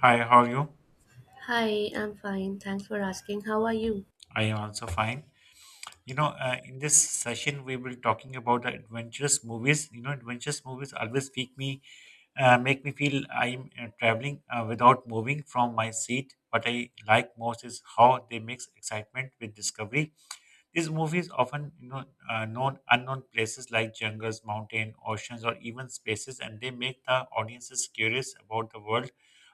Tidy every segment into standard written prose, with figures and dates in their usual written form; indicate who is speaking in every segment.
Speaker 1: Hi, how are you?
Speaker 2: Hi, I'm fine. Thanks for asking. How are you?
Speaker 1: I am also fine. In this session, we will talking about the adventurous movies. You know, adventurous movies always make me feel I'm traveling without moving from my seat. What I like most is how they mix excitement with discovery. These movies often known unknown places like jungles, mountain, oceans, or even spaces, and they make the audiences curious about the world.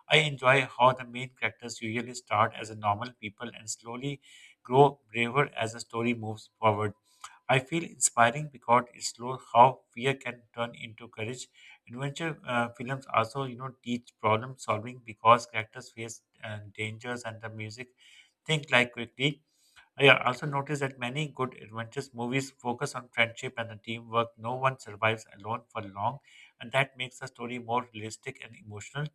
Speaker 1: I enjoy how the main characters usually start as a normal people and slowly grow braver as the story moves forward. I feel inspiring because it shows how fear can turn into courage. Adventure films also, you know, teach problem solving because characters face dangers and the music think like quickly. I also noticed that many good adventures movies focus on friendship and the teamwork. No one survives alone for long, and that makes the story more realistic and emotional.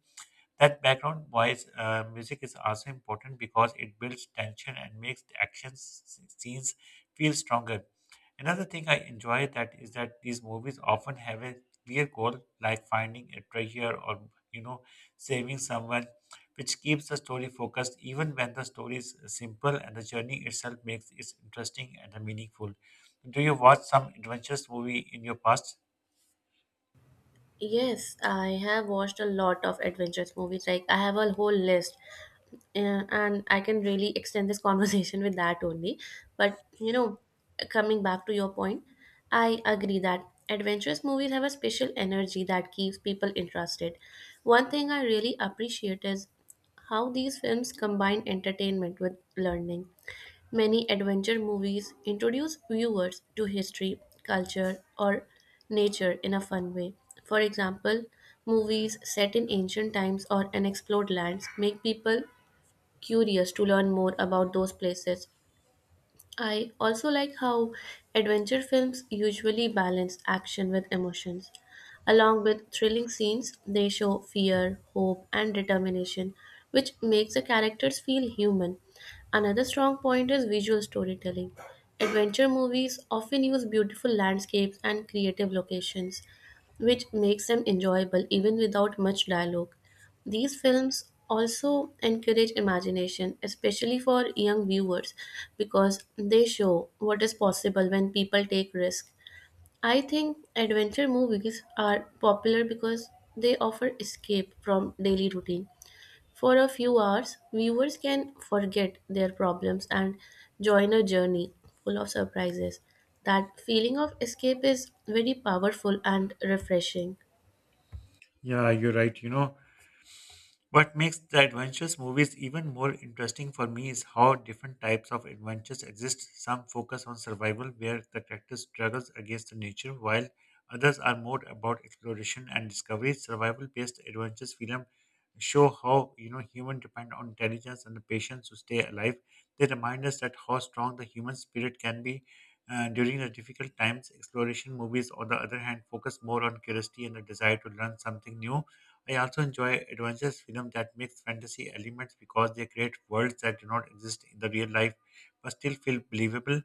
Speaker 1: That background voice music is also important because it builds tension and makes the scenes feel stronger. Another thing I enjoy that is that these movies often have a clear goal, like finding a treasure or you know saving someone, which keeps the story focused even when the story is simple and the journey itself makes it interesting and meaningful. Do you watch some adventures movie in your past?
Speaker 2: Yes, I have watched a lot of adventures movies. Like I have a whole list, and I can really extend this conversation with that only. But you know, coming back to your point, I agree that adventurous movies have a special energy that keeps people interested. One thing I really appreciate is how these films combine entertainment with learning. Many adventure movies introduce viewers to history, culture, or nature in a fun way. For example, movies set in ancient times or unexplored lands make people curious to learn more about those places. I also like how adventure films usually balance action with emotions. Along with thrilling scenes, they show fear, hope, and determination, which makes the characters feel human. Another strong point is visual storytelling. Adventure movies often use beautiful landscapes and creative locations, which makes them enjoyable even without much dialogue. These films also encourage imagination, especially for young viewers, because they show what is possible when people take risks. I think adventure movies are popular because they offer escape from daily routine. For a few hours, viewers can forget their problems and join a journey full of surprises. That feeling of escape is very powerful and refreshing.
Speaker 1: Yeah, you're right. You know, What makes the adventures movies even more interesting for me is how different types of adventures exist. Some focus on survival, where the character struggles against the nature, while others are more about exploration and discovery. Survival-based adventures film show how you know humans depend on intelligence and the patience to stay alive. They remind us that how strong the human spirit can be during the difficult times. Exploration movies, on the other hand, focus more on curiosity and the desire to learn something new. I also enjoy adventure films that mix fantasy elements because they create worlds that do not exist in the real life but still feel believable.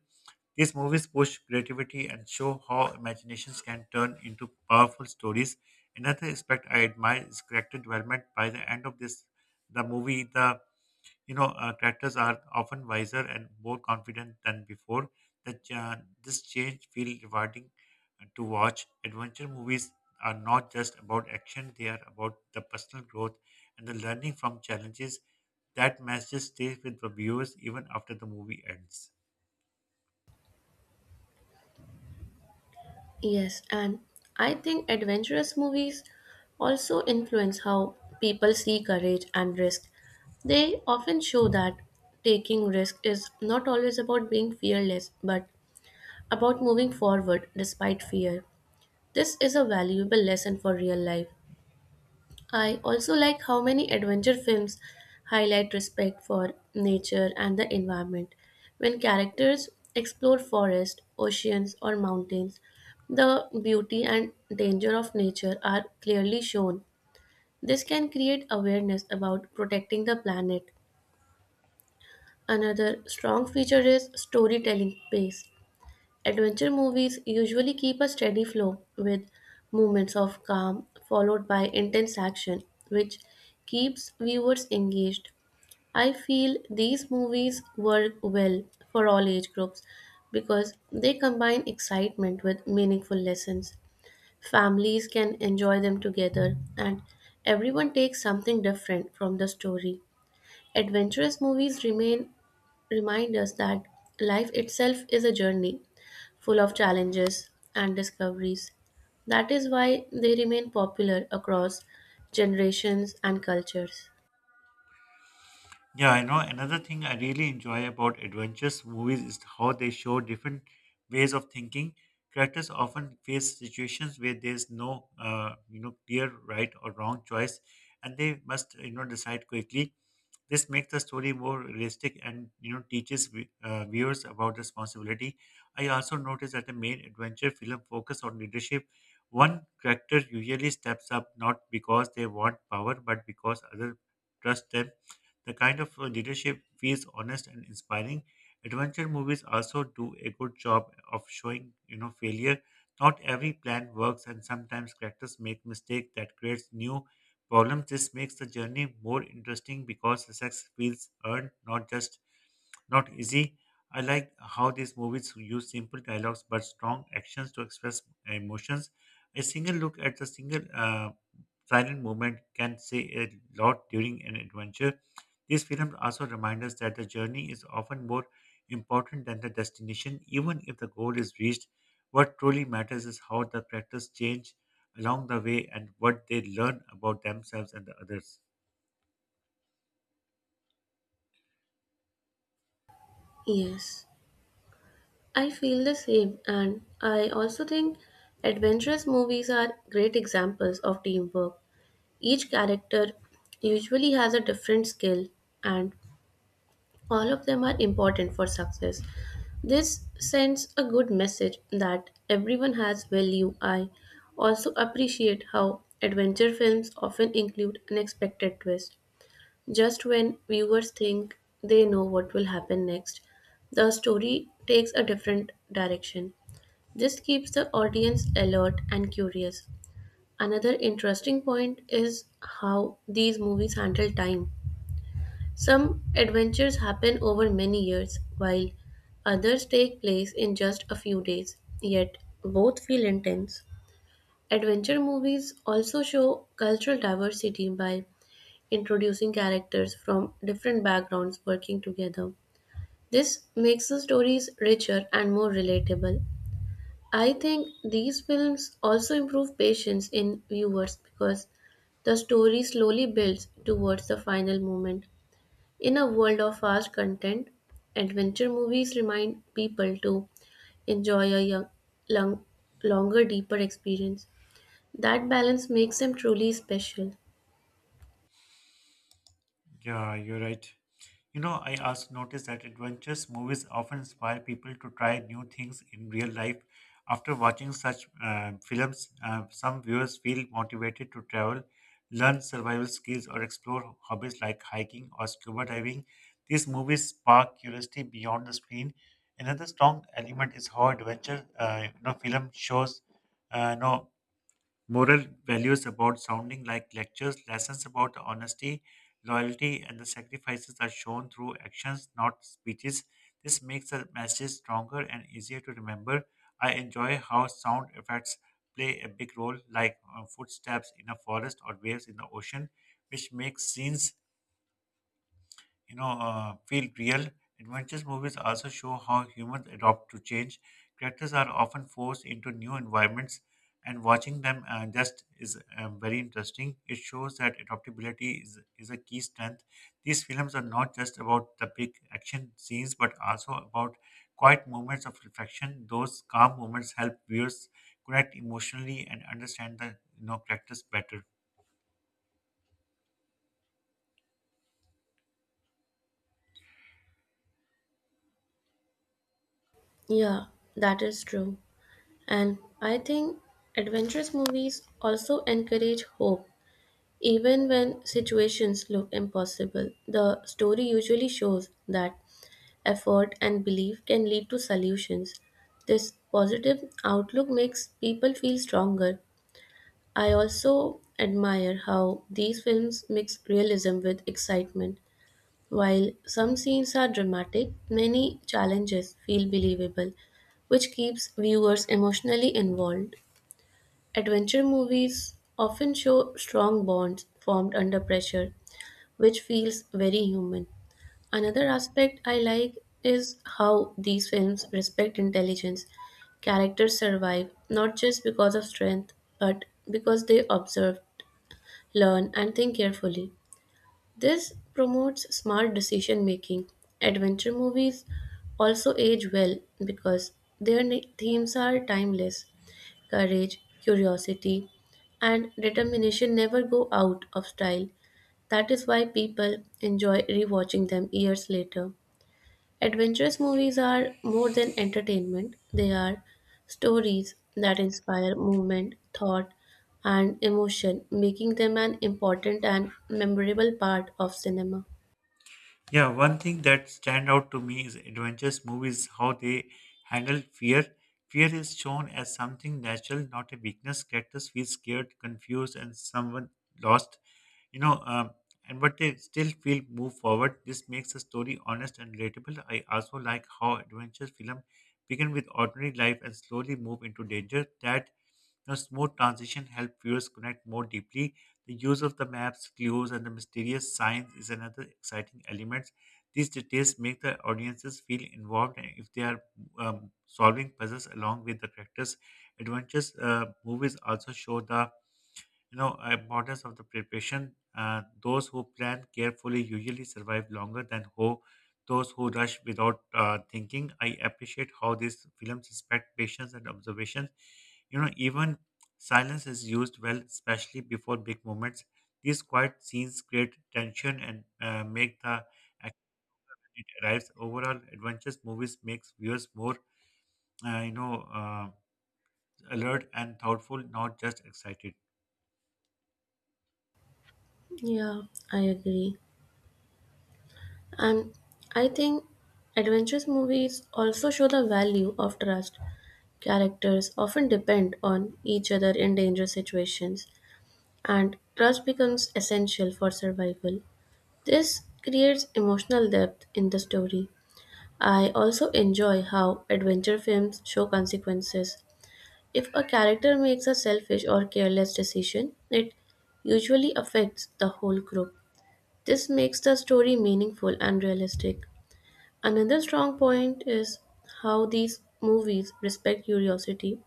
Speaker 1: These movies push creativity and show how imaginations can turn into powerful stories. Another aspect I admire is character development. By the end of this, the movie, the characters are often wiser and more confident than before. That This change feels rewarding to watch. Adventure movies are not just about action; they are about the personal growth and the learning from challenges. That message stays with the viewers even after the movie ends.
Speaker 2: Yes, and I think adventurous movies also influence how people see courage and risk. They often show that taking risk is not always about being fearless, but about moving forward despite fear. This is a valuable lesson for real life. I also like how many adventure films highlight respect for nature and the environment. When characters explore forests, oceans, or mountains, the beauty and danger of nature are clearly shown. This can create awareness about protecting the planet. Another strong feature is storytelling pace. Adventure movies usually keep a steady flow with moments of calm followed by intense action, which keeps viewers engaged. I feel these movies work well for all age groups because they combine excitement with meaningful lessons. Families can enjoy them together, and everyone takes something different from the story. Adventurous movies remain remind us that life itself is a journey full of challenges and discoveries. That is why they remain popular across generations and cultures.
Speaker 1: Yeah, I know. Another thing I really enjoy about adventures movies is how they show different ways of thinking. Characters often face situations where there's no clear right or wrong choice, and they must decide quickly. This makes the story more realistic and, you know, teaches viewers about responsibility. I also noticed that the main adventure film focus on leadership. One character usually steps up not because they want power, but because others trust them. The kind of leadership feels honest and inspiring. Adventure movies also do a good job of showing, you know, failure. Not every plan works, and sometimes characters make mistakes that creates new problems. This makes the journey more interesting because success feels earned, not just not easy. I like how these movies use simple dialogues but strong actions to express emotions. A single look at the single silent movement can say a lot during an adventure. These films also remind us that the journey is often more important than the destination, even if the goal is reached. What truly matters is how the characters change along the way and what they learn about themselves and the others.
Speaker 2: Yes, I feel the same, and I also think adventurous movies are great examples of teamwork. Each character usually has a different skill and all of them are important for success. This sends a good message that everyone has value. I also appreciate how adventure films often include unexpected twists. Just when viewers think they know what will happen next, the story takes a different direction. This keeps the audience alert and curious. Another interesting point is how these movies handle time. Some adventures happen over many years, while others take place in just a few days, yet both feel intense. Adventure movies also show cultural diversity by introducing characters from different backgrounds working together. This makes the stories richer and more relatable. I think these films also improve patience in viewers because the story slowly builds towards the final moment. In a world of fast content, adventure movies remind people to enjoy a young, long, longer, deeper experience. That balance makes them truly special.
Speaker 1: Yeah, you're right. You know, I also noticed that adventures movies often inspire people to try new things in real life. After watching such films, some viewers feel motivated to travel, learn survival skills, or explore hobbies like hiking or scuba diving. These movies spark curiosity beyond the screen. Another strong element is how adventure film shows, uh, you know, moral values about sounding like lectures, lessons about honesty, loyalty, and the sacrifices are shown through actions, not speeches. This makes the message stronger and easier to remember. I enjoy how sound effects play a big role, like footsteps in a forest or waves in the ocean, which makes scenes feel real. Adventures movies also show how humans adapt to change. Characters are often forced into new environments, and watching them just is very interesting. It shows that adaptability is a key strength. These films are not just about the big action scenes, but also about quiet moments of reflection. Those calm moments help viewers connect emotionally and understand the you know characters better.
Speaker 2: Yeah, that is true. And I think adventurous movies also encourage hope. Even when situations look impossible, the story usually shows that effort and belief can lead to solutions. This positive outlook makes people feel stronger. I also admire how these films mix realism with excitement. While some scenes are dramatic, many challenges feel believable, which keeps viewers emotionally involved. Adventure movies often show strong bonds formed under pressure, which feels very human. Another aspect I like is how these films respect intelligence. Characters survive not just because of strength, but because they observed learn, and think carefully. This promotes smart decision making. Adventure movies also age well because their themes are timeless. Courage, curiosity, and determination never go out of style. That is why people enjoy rewatching them years later. Adventurous movies are more than entertainment, they are stories that inspire movement, thought, and emotion, making them an important and memorable part of cinema.
Speaker 1: Yeah, one thing that stand out to me is adventures movies how they handle fear. Fear is shown as something natural, not a weakness. Characters feel scared, confused, and someone lost. You know, and But they still feel move forward. This makes the story honest and relatable. I also like how adventure film begin with ordinary life and slowly move into danger. That the smooth transition helped viewers connect more deeply. The use of the maps, clues, and the mysterious signs is another exciting element. These details make the audiences feel involved and if they are solving puzzles along with the characters' adventures. Movies also show the you know, importance of the preparation. Those who plan carefully usually survive longer than who those who rush without thinking. I appreciate how these films respect patience and observation. You know, even silence is used well, especially before big moments. These quiet scenes create tension and make the action it arrives. Overall, adventures movies makes viewers more, uh, you know, uh, alert and thoughtful, not just excited.
Speaker 2: Yeah, I agree. And I think adventurous movies also show the value of trust. Characters often depend on each other in dangerous situations, and trust becomes essential for survival. This creates emotional depth in the story. I also enjoy how adventure films show consequences. If a character makes a selfish or careless decision, it usually affects the whole group. This makes the story meaningful and realistic. Another strong point is how these movies respect curiosity.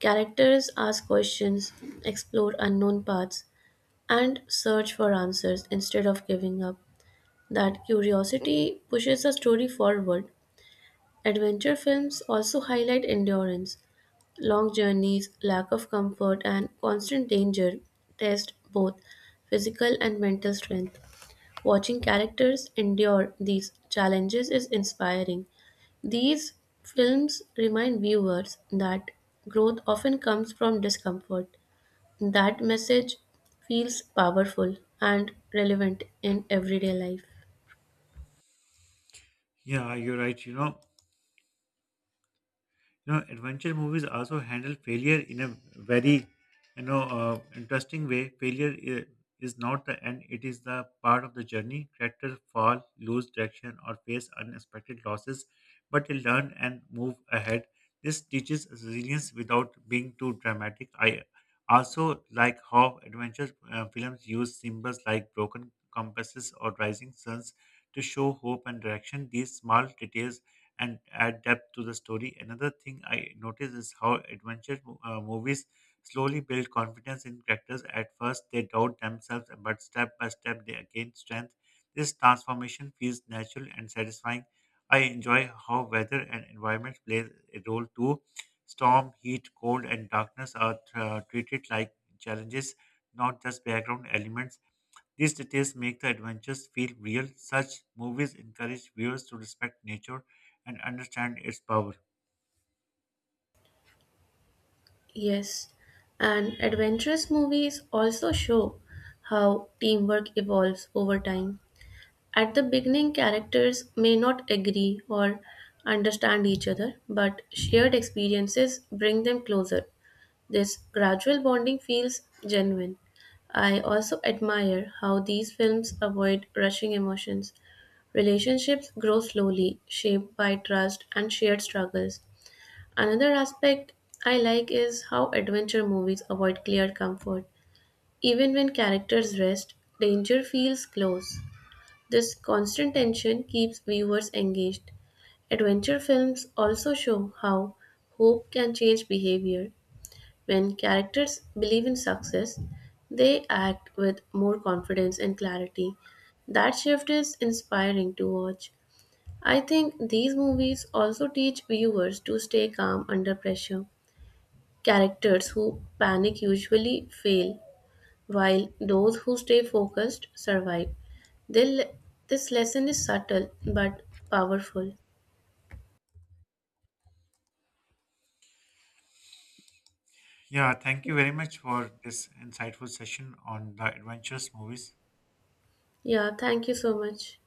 Speaker 2: Characters ask questions, explore unknown paths, and search for answers instead of giving up. That curiosity pushes the story forward. Adventure films also highlight endurance; long journeys, lack of comfort, and constant danger test both physical and mental strength. Watching characters endure these challenges is inspiring. These films remind viewers that growth often comes from discomfort. That message feels powerful and relevant in everyday life.
Speaker 1: Yeah, you're right. Adventure movies also handle failure in a very interesting way. Is not the end; it is the part of the journey. Characters fall, lose direction, or face unexpected losses, but they learn and move ahead. This teaches resilience without being too dramatic. I also like how adventure films use symbols like broken compasses or rising suns to show hope and direction. These small details and add depth to the story. Another thing I notice is how adventure movies slowly build confidence in characters. At first, they doubt themselves, but step by step, they gain strength. This transformation feels natural and satisfying. I enjoy how weather and environment play a role too. Storm, heat, cold, and darkness are treated like challenges, not just background elements. These details make the adventures feel real. Such movies encourage viewers to respect nature and understand its power.
Speaker 2: Yes, and adventurous movies also show how teamwork evolves over time. At the beginning, characters may not agree or understand each other, but shared experiences bring them closer. This gradual bonding feels genuine. I also admire how these films avoid rushing emotions. Relationships grow slowly, shaped by trust and shared struggles. Another aspect I like is how adventure movies avoid clear comfort. Even when characters rest, danger feels close. This constant tension keeps viewers engaged. Adventure films also show how hope can change behavior. When characters believe in success, they act with more confidence and clarity. That shift is inspiring to watch. I think these movies also teach viewers to stay calm under pressure. Characters who panic usually fail, while those who stay focused survive. They le- this lesson is subtle but powerful.
Speaker 1: Yeah, thank you very much for this insightful session on the adventures movies.
Speaker 2: Yeah, thank you so much.